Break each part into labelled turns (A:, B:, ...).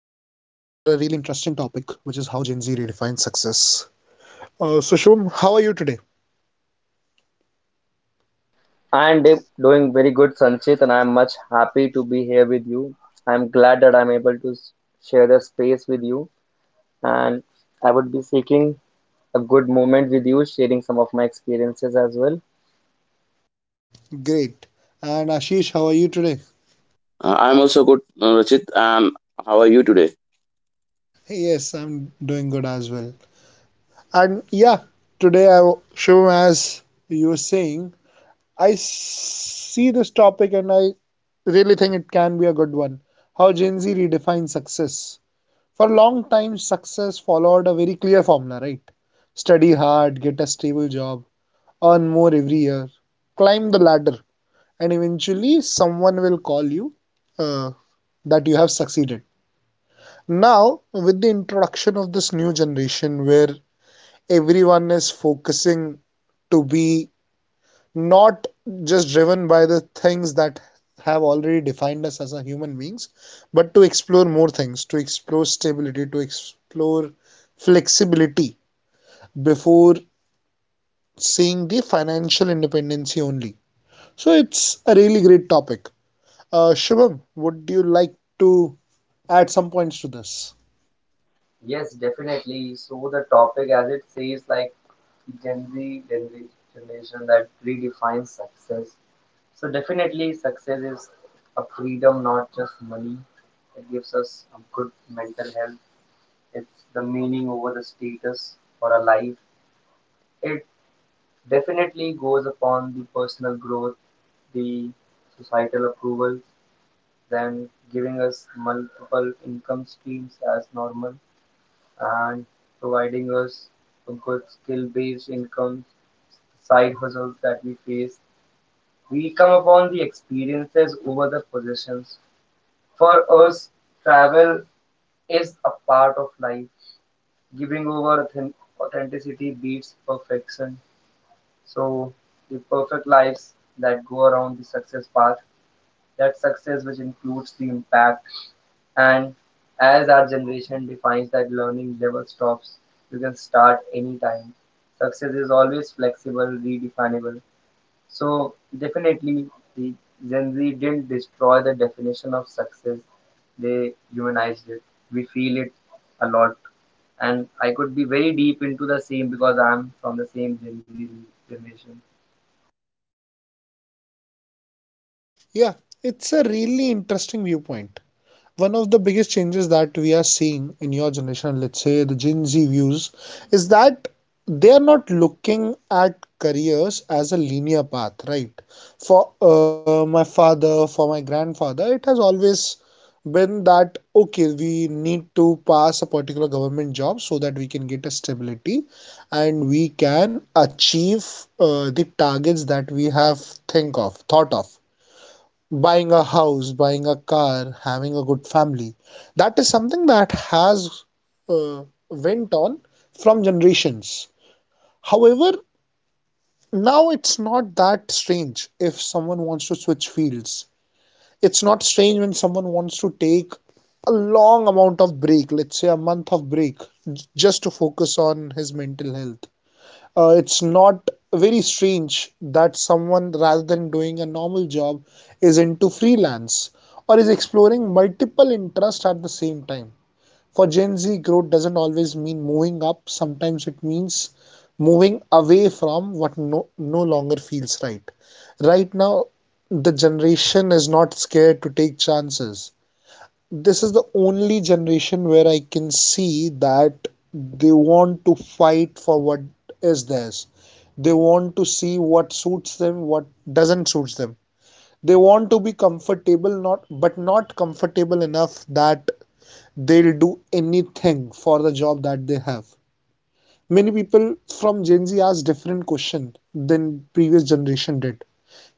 A: really interesting topic, which is how Gen Z redefines success. So Shivam, how are you today?
B: I'm Dip, doing very good, Sanchit, and I'm much happy to be here with you. I'm glad that I'm able to share the space with you, and I would be seeking a good moment with you, sharing some of my experiences as well.
A: Great. And Ashish, how are you today?
C: I'm also good, Rachit. And how are you today?
A: Yes, I'm doing good as well. And yeah, today I, Shivam, as you were saying, see this topic and I really think it can be a good one. How Gen Z redefines success. For a long time, success followed a very clear formula, right? Study hard, get a stable job, earn more every year, climb the ladder, and eventually someone will call you uh, that you have succeeded. Now, with the introduction of this new generation where everyone is focusing to be not just driven by the things that have already defined us as a human beings, but to explore more things, to explore stability, to explore flexibility before seeing the financial independency only. So it's a really great topic. Shubham, would you like to add some points to this?
B: Yes, definitely. So the topic, as it says, like Gen Z generation that redefines success. So definitely, success is a freedom, not just money. It gives us a good mental health, it's the meaning over the status or a life. It definitely goes upon the personal growth, the societal approval, then giving us multiple income streams as normal and providing us a good skill based income, side hustles that we face. We come upon the experiences over the possessions. For us, travel is a part of life giving over authenticity beats perfection. So the perfect lives that go around the success path, that success which includes the impact. And as our generation defines that learning never stops, you can start anytime. Success is always flexible, redefinable, so definitely, the Gen Z didn't destroy the definition of success; they humanized it. We feel it a lot, and I could be very deep into the same because I'm from the same Gen Z generation.
A: Yeah, it's a really interesting viewpoint. One of the biggest changes that we are seeing in your generation, let's say the Gen Z views, is that they are not looking at careers as a linear path, right? For my father, for my grandfather, it has always been that okay, we need to pass a particular government job so that we can get a stability and we can achieve the targets that we have thought of buying a house, buying a car, having a good family. That is something that has uh, went on from generations. However, now it's not that strange if someone wants to switch fields. It's not strange when someone wants to take a long amount of break, let's say a month of break, just to focus on his mental health. It's not very strange that someone, rather than doing a normal job, is into freelance or is exploring multiple interests at the same time. For Gen Z, growth doesn't always mean moving up. Sometimes it means moving away from what no longer feels right right now. The generation is not scared to take chances. This is the only generation where I can see that they want to fight for what is theirs. They want to see what suits them, what doesn't suits them. They want to be comfortable, not comfortable enough that they'll do anything for the job that they have. Many people from Gen Z ask different question than previous generation did.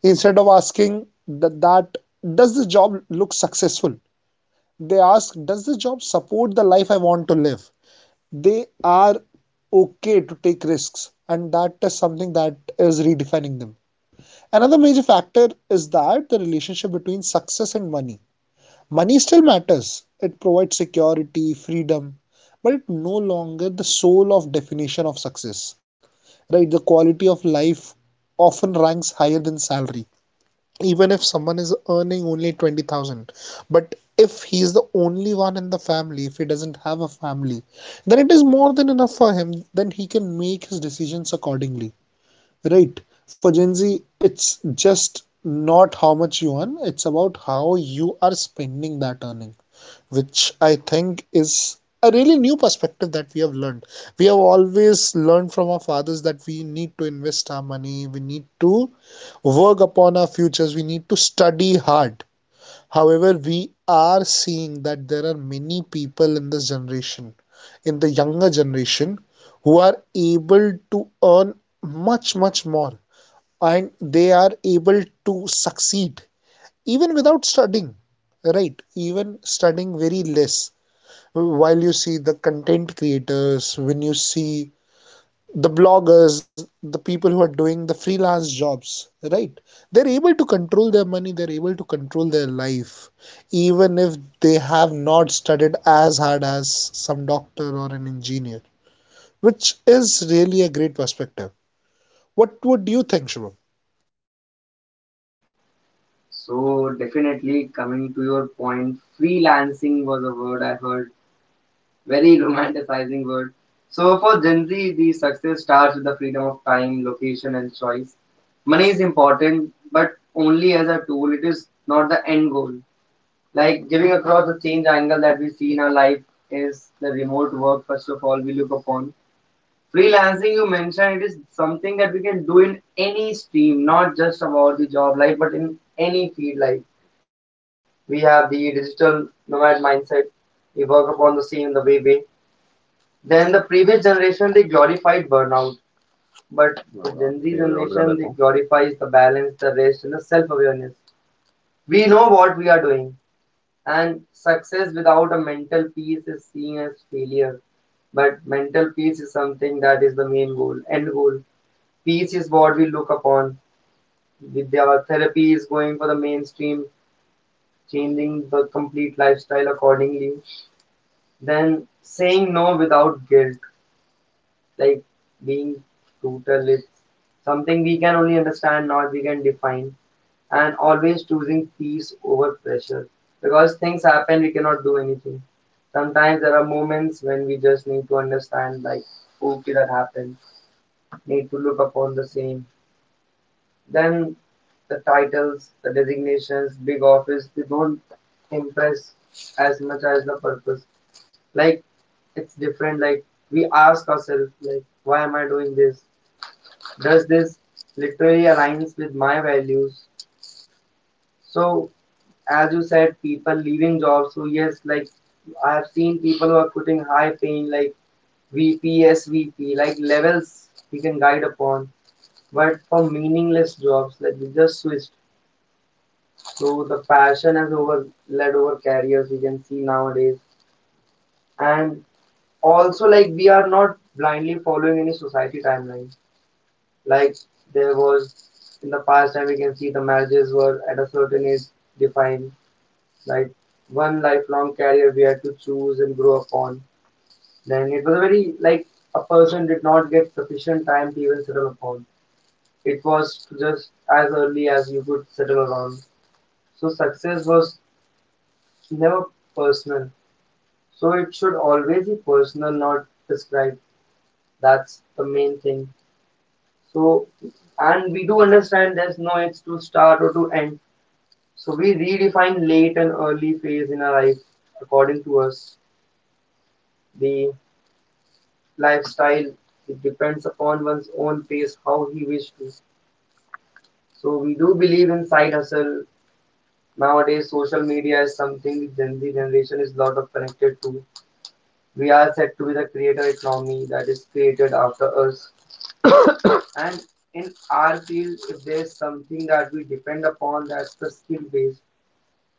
A: Instead of asking that does the job look successful, they ask does the job support the life I want to live. They are okay to take risks, and that is something that is redefining them. Another major factor is that the relationship between success and money. Money still matters, it provides security, freedom, but it's no longer the sole of definition of success. Right? The quality of life often ranks higher than salary. Even if someone is earning only 20,000, but if he is the only one in the family, if he doesn't have a family, then it is more than enough for him, then he can make his decisions accordingly. Right. For Gen Z, it's just not how much you earn, it's about how you are spending that earning, which I think is a really new perspective that we have learned. We have always learned from our fathers that we need to invest our money, we need to work upon our futures, we need to study hard. However, we are seeing that there are many people in this generation, in the younger generation, who are able to earn much more, and they are able to succeed even without studying, right? Even studying very less. While you see the content creators, when you see the bloggers, the people who are doing the freelance jobs, right, they're able to control their money, they're able to control their life, even if they have not studied as hard as some doctor or an engineer, which is really a great perspective. What would you think, Shubham?
B: So definitely coming to your point, freelancing was a word I heard. Very romanticizing word. So for Gen Z, the success starts with the freedom of time, location, and choice. Money is important, but only as a tool. It is not the end goal. Like giving across the change angle that we see in our life is the remote work. First of all, we look upon freelancing. You mentioned it is something that we can do in any stream, not just about the job life, but in any field life. We have the digital nomad mindset. We work upon the same the way. Then the previous generation they glorified burnout, but the Gen Z generation they glorifies the balance, the rest, and the self awareness. We know what we are doing, and success without a mental peace is seen as failure. But mental peace is something that is the main goal, end goal. Peace is what we look upon. With their therapy is going for the mainstream, changing the complete lifestyle accordingly. Then saying no without guilt, like being brutal, it's something we can only understand, not we can define, and always choosing peace over pressure because things happen, we cannot do anything. Sometimes there are moments when we just need to understand, like, okay, that happened, need to look upon the same. Then the titles, the designations, big office, they don't impress as much as the purpose. Like, it's different. Like, we ask ourselves, like, why am I doing this? Does this literally aligns with my values? So, as you said, people leaving jobs. So yes, like, I have seen people who are putting high paying like VP, like levels we can guide upon. But for meaningless jobs, like we just switched. So the passion has over led over careers we can see nowadays. And also like we are not blindly following any society timeline. Like, there was in the past time we can see the marriages were at a certain age defined. Like, one lifelong career we had to choose and grow upon. Then it was very like a person did not get sufficient time to even settle upon. It was just as early as you could settle around. So success was never personal, so it should always be personal, not prescribed. That's the main thing. So, and we do understand there's no age to start or to end. So we redefine late and early phase in our life according to us. The lifestyle, it depends upon one's own pace, how he wishes to. So we do believe in side hustle. Nowadays, social media is something Gen Z generation is lot of connected to. We are said to be the creator economy that is created after us. And in our field, if there is something that we depend upon, that's the skill base.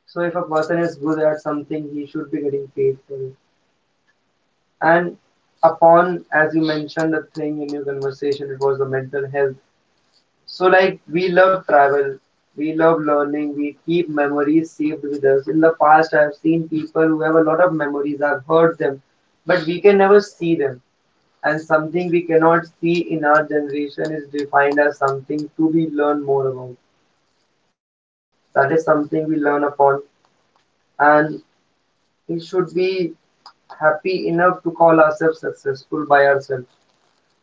B: So if a person is good at something, he should be getting paid for it. And upon, as you mentioned the thing in your conversation, it was the mental health. So like we love travel, we love learning, we keep memories saved with us. In the past I have seen people who have a lot of memories, I've heard them, but we can never see them. And something we cannot see in our generation is defined as something to be learned more about. That is something we learn upon. And we should be happy enough to call ourselves successful by ourselves,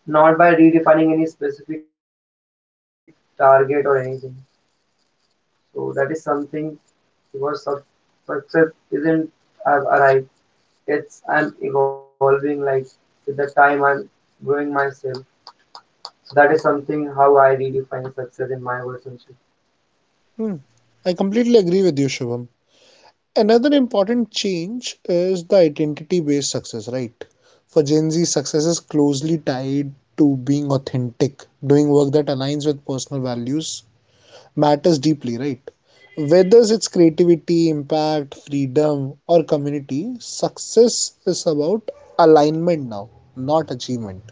B: not by redefining any specific target or anything. So that is something, because success isn't I've arrived. It's I'm evolving. Like, with the time, I'm growing myself. So that is something how I redefine success in my words. Anshul.
A: Hmm. I completely agree with you, Shubham. Another important change is the identity based success, right? For Gen Z, success is closely tied to being authentic, doing work that aligns with personal values matters deeply, right? Whether it's creativity, impact, freedom, or community, success is about alignment now, not achievement.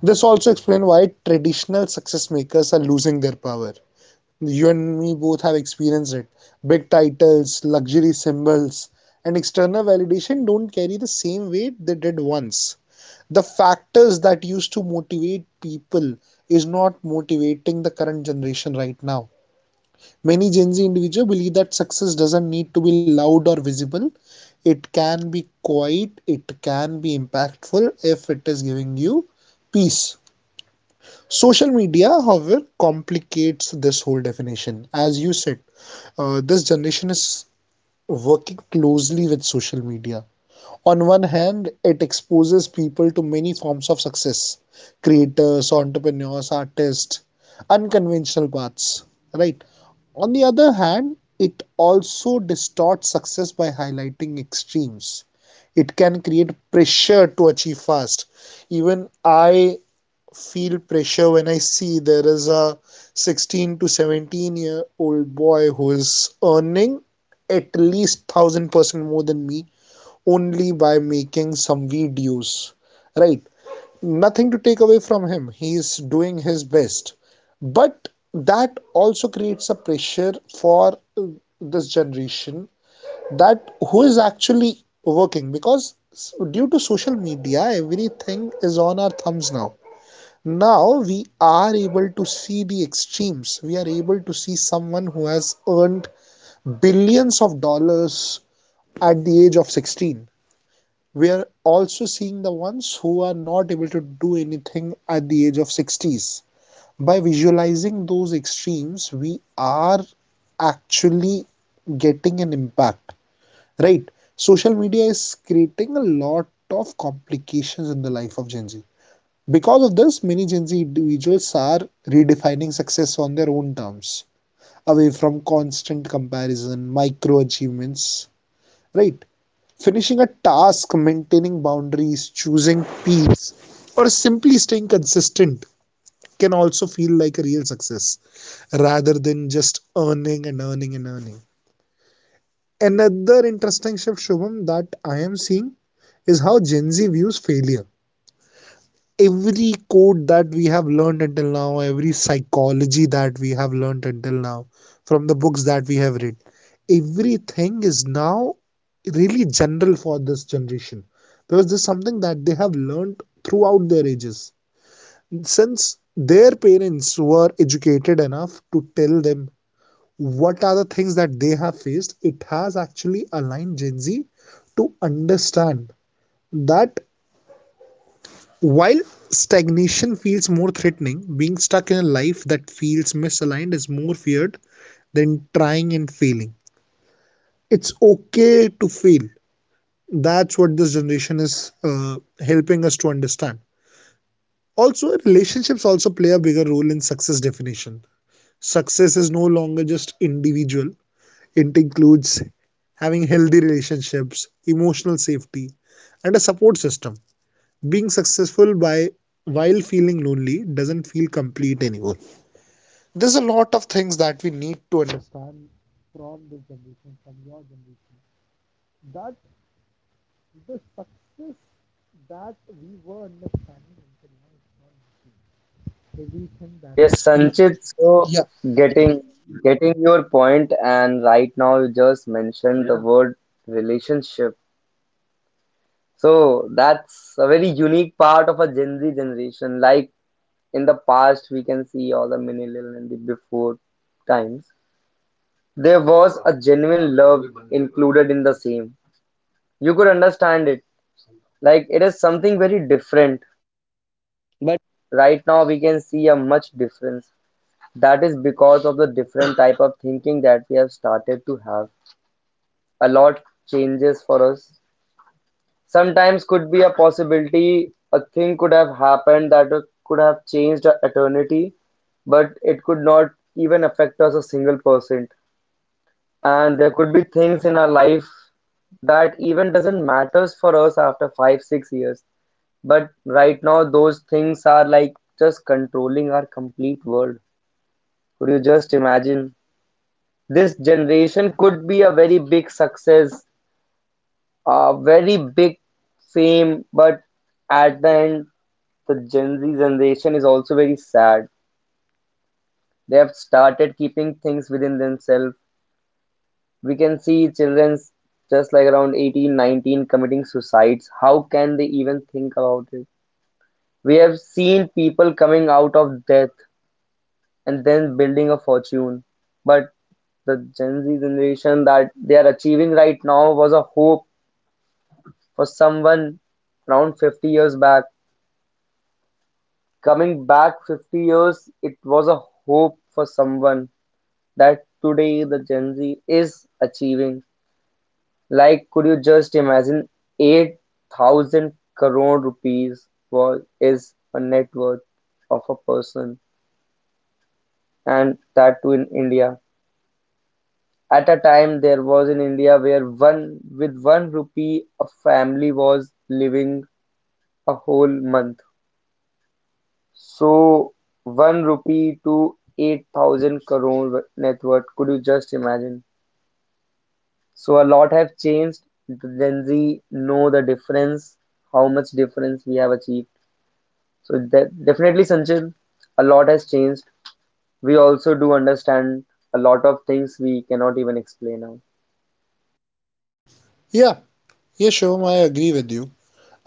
A: This also explains why traditional success makers are losing their power. You and me both have experienced it. Big titles, luxury symbols, and external validation don't carry the same weight they did once. The factors that used to motivate people is not motivating the current generation right now. Many Gen Z individuals believe that success doesn't need to be loud or visible. It can be quiet, it can be impactful if it is giving you peace. Social media, however, complicates this whole definition. As you said, this generation is working closely with social media. On one hand, it exposes people to many forms of success: creators, entrepreneurs, artists, unconventional paths, right? On the other hand, it also distorts success by highlighting extremes. It can create pressure to achieve fast. Even I feel pressure when I see there is a 16 to 17 year old boy who is earning at least 1000% more than me only by making some videos, right? Nothing to take away from him. He is doing his best. But that also creates a pressure for this generation, that who is actually working, because due to social media everything is on our thumbs now. Now we are able to see the extremes. We are able to see someone who has earned billions of dollars at the age of 16. We are also seeing the ones who are not able to do anything at the age of 60s. By visualizing those extremes, we are actually getting an impact, right? Social media is creating a lot of complications in the life of Gen Z. Because of this, many Gen Z individuals are redefining success on their own terms, away from constant comparison, micro achievements, right? Finishing a task, maintaining boundaries, choosing peace, or simply staying consistent can also feel like a real success rather than just earning and earning and earning. Another interesting shift, Shubham, that I am seeing is how Gen Z views failure. Every code that we have learned until now, every psychology that we have learned until now, from the books that we have read, everything is now really general for this generation because this is something that they have learned throughout their ages. Since their parents were educated enough to tell them what are the things that they have faced, it has actually aligned Gen Z to understand that, while stagnation feels more threatening, being stuck in a life that feels misaligned is more feared than trying and failing. It's okay to fail. That's what this generation is helping us to understand. Also, relationships also play a bigger role in success definition. Success is no longer just individual, it includes having healthy relationships, emotional safety, and a support system. Being successful by while feeling lonely doesn't feel complete anymore. There's a lot of things that we need to understand from this generation, from your generation, that the success that we were understanding until now is not really
B: Yes,
A: pre-
B: Sanchit, so
A: Yeah,
B: getting getting your point, and right now you just mentioned the word relationship. So that's a very unique part of a Gen Z generation. Like in the past we can see all the millennial and the before times there was a genuine love included in the same. You could understand it, like it is something very different. But right now we can see a much difference, that is because of the different type of thinking that we have started to have. A lot changes for us. Sometimes could be a possibility, a thing could have happened that could have changed our eternity, but it could not even affect us a single percent. And there could be things in our life that even doesn't matters for us after 5, 6 years. But right now, those things are like just controlling our complete world. Could you just imagine? This generation could be a very big success, a very big fame, but at the end, the Gen Z generation is also very sad. They have started keeping things within themselves. We can see children just like around 18, 19 committing suicides. How can they even think about it? We have seen people coming out of death and then building a fortune. But the Gen Z generation that they are achieving right now was a hope for someone around 50 years back. Coming back 50 years, it was a hope for someone that today the Gen Z is achieving. Like, could you just imagine, 8,000 crore rupees was, is a net worth of a person, and that too in India. At a time, there was in India where one, with one rupee a family was living a whole month. So, one rupee to 8,000 crore net worth. Could you just imagine? So a lot have changed. The Gen Z know the difference, how much difference we have achieved. So definitely, Sanchit, a lot has changed. We also do understand a lot of things we cannot even explain now.
A: yeah, yeah, Shivam, I agree with you.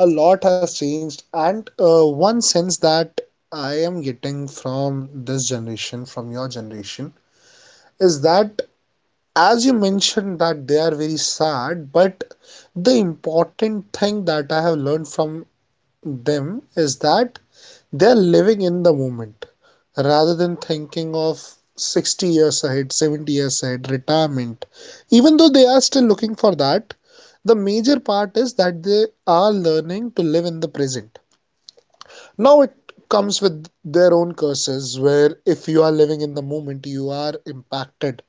A: A lot has changed, and one sense that I am getting from this generation, from your generation, is that, as you mentioned, that they are very sad, but the important thing that I have learned from them is that they are living in the moment rather than thinking of 60 years ahead, 70 years ahead, retirement. Even though they are still looking for that, the major part is that they are learning to live in the present. Now it comes with their own curses, where if you are living in the moment, you are impacted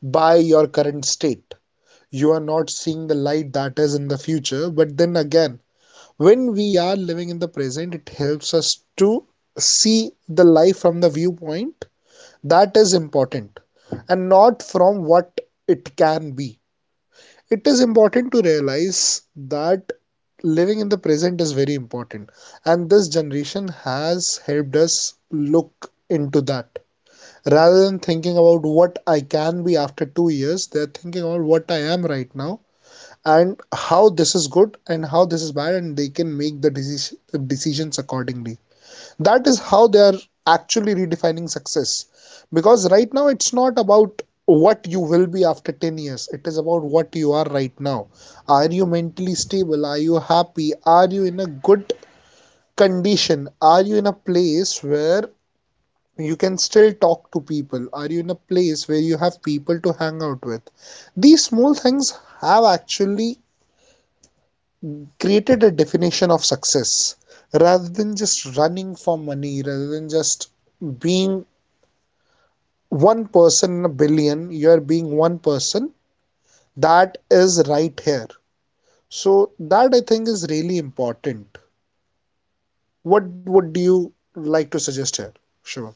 A: by your current state, you are not seeing the light that is in the future, but then again, when we are living in the present, it helps us to see the life from the viewpoint that is important, and not from what it can be. It is important to realize that living in the present is very important, and this generation has helped us look into that, rather than thinking about what I can be after 2 years, they're thinking about what I am right now, and how this is good and how this is bad, and they can make the decisions accordingly. That is how they are actually redefining success, because right now it's not about what you will be after 10 years, it is about what you are right now. Are you mentally stable, are you happy, are you in a good condition, are you in a place where you can still talk to people, are you in a place where you have people to hang out with? These small things have actually created a definition of success, rather than just running for money, rather than just being one person in a billion, you are being one person. That is right here. So, that I think is really important. What would you like to suggest here, Shivam?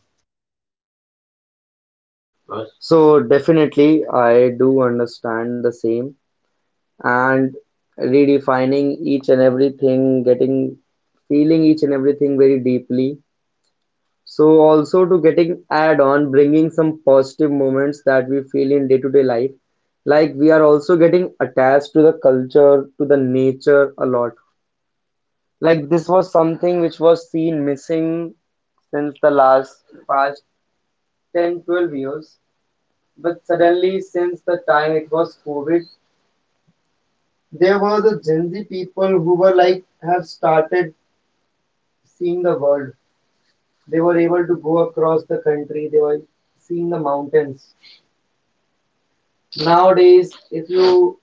B: So definitely, I do understand the same, and redefining each and everything, getting feeling each and everything very deeply. So also to getting add on bringing some positive moments that we feel in day to day life. Like we are also getting attached to the culture, to the nature a lot. Like this was something which was seen missing since the last past 10, 12 years. But suddenly, since the time it was COVID, there were the Gen Z people who were like have started seeing the world. They were able to go across the country, they were seeing the mountains. Nowadays, if you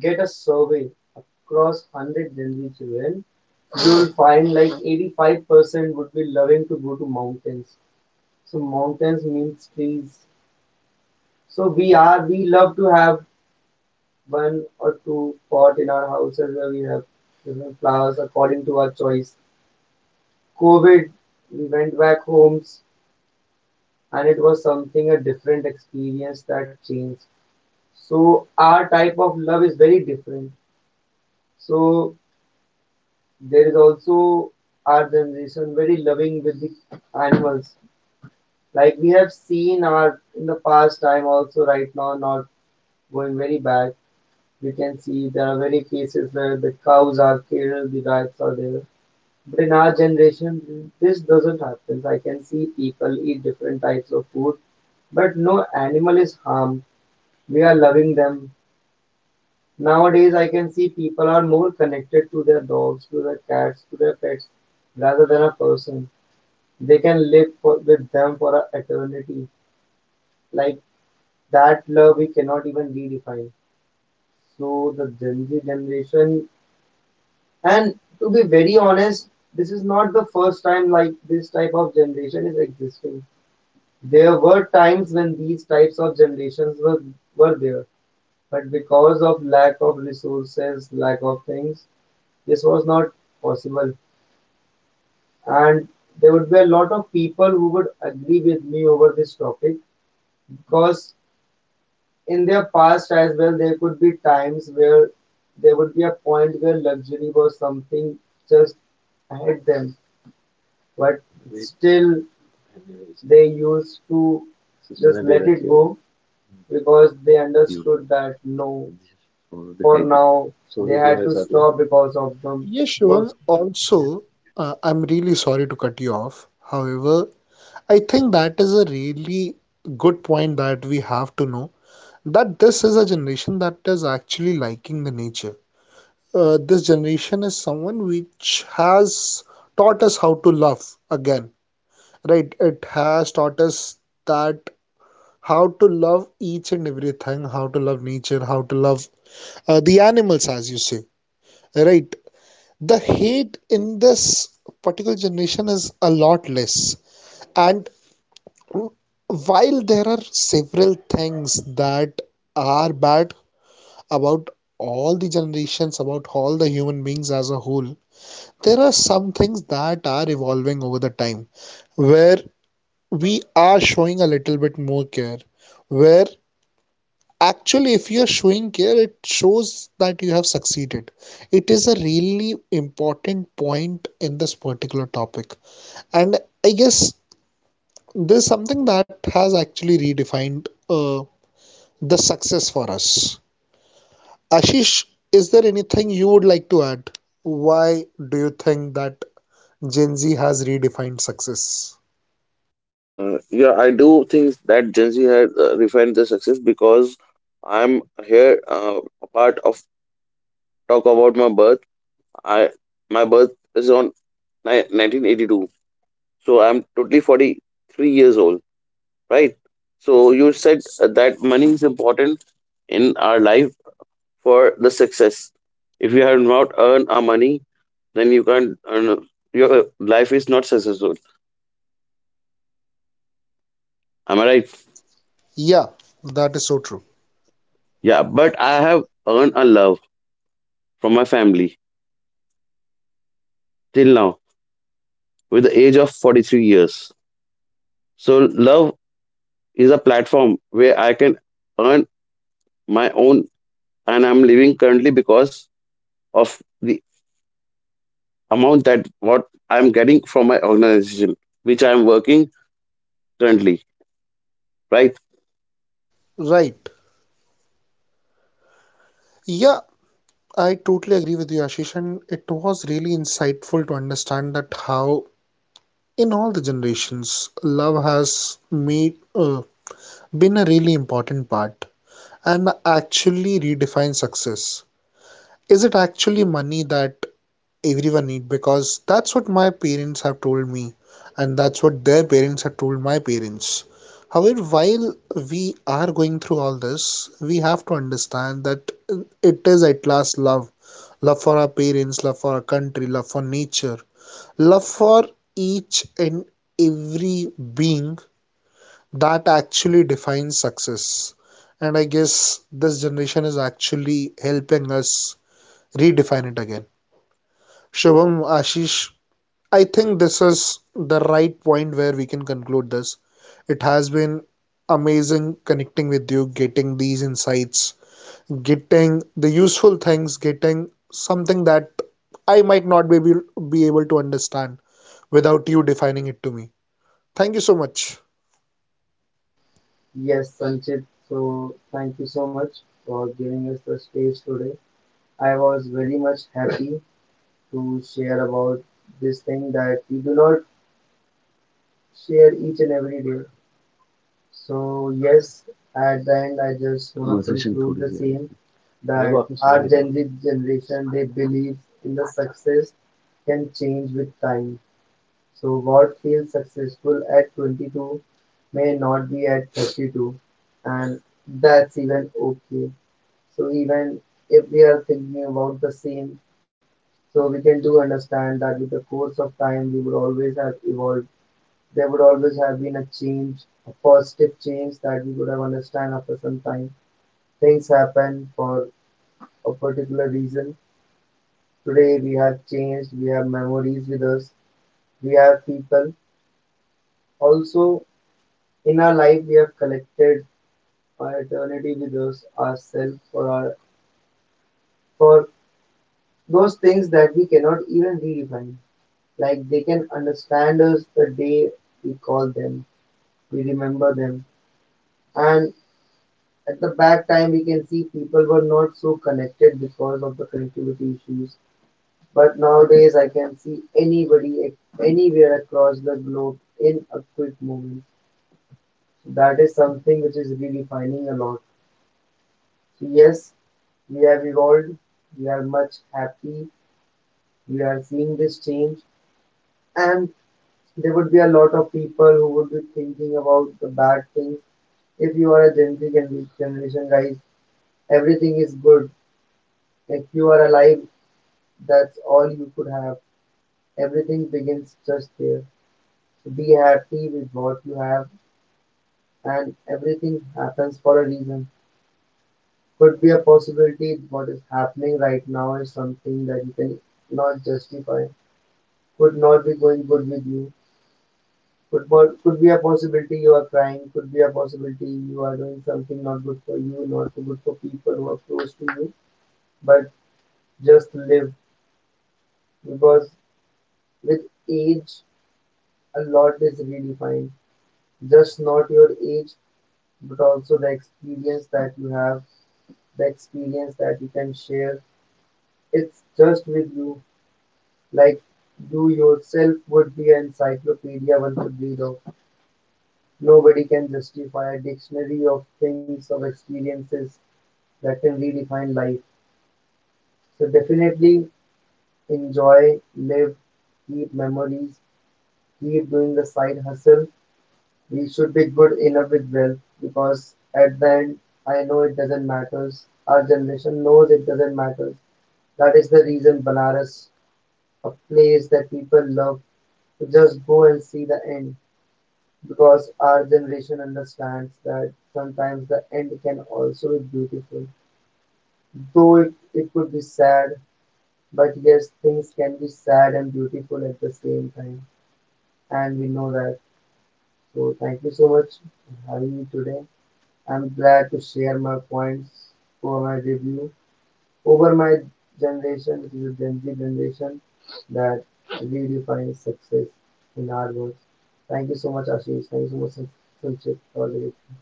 B: get a survey across 100 Gen Z children, you'll find like 85% would be loving to go to mountains. So mountains means trees. So we love to have one or two pot in our houses where we have different flowers according to our choice. COVID, we went back homes and it was something a different experience that changed. So our type of love is very different. So there is also our generation very loving with the animals. Like we have seen our in the past time also right now not going very bad. We can see there are very cases where the cows are killed, the rats are there. But in our generation, this doesn't happen. I can see people eat different types of food, but no animal is harmed. We are loving them. Nowadays, I can see people are more connected to their dogs, to their cats, to their pets rather than a person. They can live for, with them for a eternity. Like that love we cannot even redefine. So the Gen Z generation, and to be very honest, this is not the first time like this type of generation is existing. There were times when these types of generations were there, but because of lack of resources, lack of things, this was not possible, and there would be a lot of people who would agree with me over this topic, because in their past as well, there could be times where there would be a point where luxury was something just ahead them, but still they used to just let it go because they understood that no, now they had to stop because of them
A: Yes, Shivam.
B: first.
A: Also, I'm really sorry to cut you off. However, I think that is a really good point that we have to know, that this is a generation that is actually liking the nature. This generation is someone which has taught us how to love again, right? It has taught us that how to love each and everything, how to love nature, how to love the animals, as you say, right? The hate in this particular generation is a lot less. And while there are several things that are bad about all the generations, about all the human beings as a whole, there are some things that are evolving over the time where we are showing a little bit more care, where actually if you are showing care, it shows that you have succeeded. It is a really important point in this particular topic, and I guess there's something that has actually redefined the success for us. Ashish, is there anything you would like to add? Why do you think that Gen Z has redefined success?
C: Yeah, I do think that Gen Z had refined the success because I'm here a part of talk about my birth. I My birth is on 1982, so I'm totally 43 years old, right? So you said that money is important in our life for the success. If you have not earned our money, then you can't earn. Your life is not successful. Am I right?
A: Yeah, that is so true.
C: Yeah, but I have earned a love from my family till now with the age of 43 years. So love is a platform where I can earn my own, and I'm living currently because of the amount that what I'm getting from my organization which I'm working currently, right?
A: Right. Yeah, I totally agree with you, Ashish, and it was really insightful to understand that how, in all the generations, love has made been a really important part and actually redefine success. Is it actually money that everyone need, because that's what my parents have told me, and that's what their parents have told my parents. However, while we are going through all this, we have to understand that it is at last love. Love for our parents, love for our country, love for nature, love for each and every being that actually defines success. And I guess this generation is actually helping us redefine it again. Shubham, Ashish, I think this is the right point where we can conclude this. It has been amazing connecting with you, getting these insights, getting the useful things, getting something that I might not be able to understand without you defining it to me. Thank you so much.
B: Yes, Sanchit. So thank you so much for giving us the stage today. I was very much happy to share about this thing that we do not share each and every day. So yes, at the end I just want to conclude the same, that our Gen Z generation they believe in the success can change with time. So what feels successful at 22 may not be at 32, and that's even okay. So even if we are thinking about the same, so we can do understand that with the course of time, we would always have evolved. There would always have been a change, a positive change that we would have understand after some time. Things happen for a particular reason. Today we have changed. We have memories with us. We have people. Also in our life, we have collected our eternity with us, ourselves, for our for those things that we cannot even redefine. Like they can understand us the day we call them, we remember them. And at the back time, we can see people were not so connected because of the connectivity issues. But nowadays, I can see anybody anywhere across the globe in a quick moment. So that is something which is redefining a lot. So yes, we have evolved. We are much happy. We are seeing this change, and there would be a lot of people who would be thinking about the bad things. If you are a Gen Z generation guys, everything is good. If you are alive, that's all you could have. Everything begins just there. So be happy with what you have, and everything happens for a reason. Could be a possibility what is happening right now is something that you can not justify, could not be going good with you. Could, could be a possibility you are crying, could be a possibility you are doing something not good for you, not so good for people who are close to you, but just live, because with age a lot is redefined, just not your age, but also the experience that you have, the experience that you can share. It's just with you, like you yourself would be an encyclopedia one could read of. Nobody can justify a dictionary of things, of experiences that can redefine life. So definitely enjoy, live, keep memories, keep doing the side hustle. We should be good enough with wealth, because at the end, I know it doesn't matter. Our generation knows it doesn't matter. That is the reason Banaras, a place that people love, to just go and see the end, because our generation understands that sometimes the end can also be beautiful. Though it could be sad, but yes, things can be sad and beautiful at the same time, and we know that. So, thank you so much for having me today. I'm glad to share my points for my review over my generation, which is a Gen Z generation, that redefines success in our words. Thank you so much, Ashish. Thank you so much, Sanchit, for the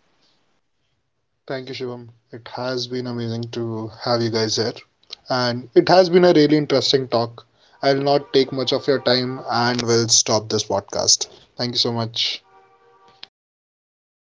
A: Thank you, Shivam. It has been amazing to have you guys here. And it has been a really interesting talk. I'll not take much of your time and will stop this podcast. Thank you so much.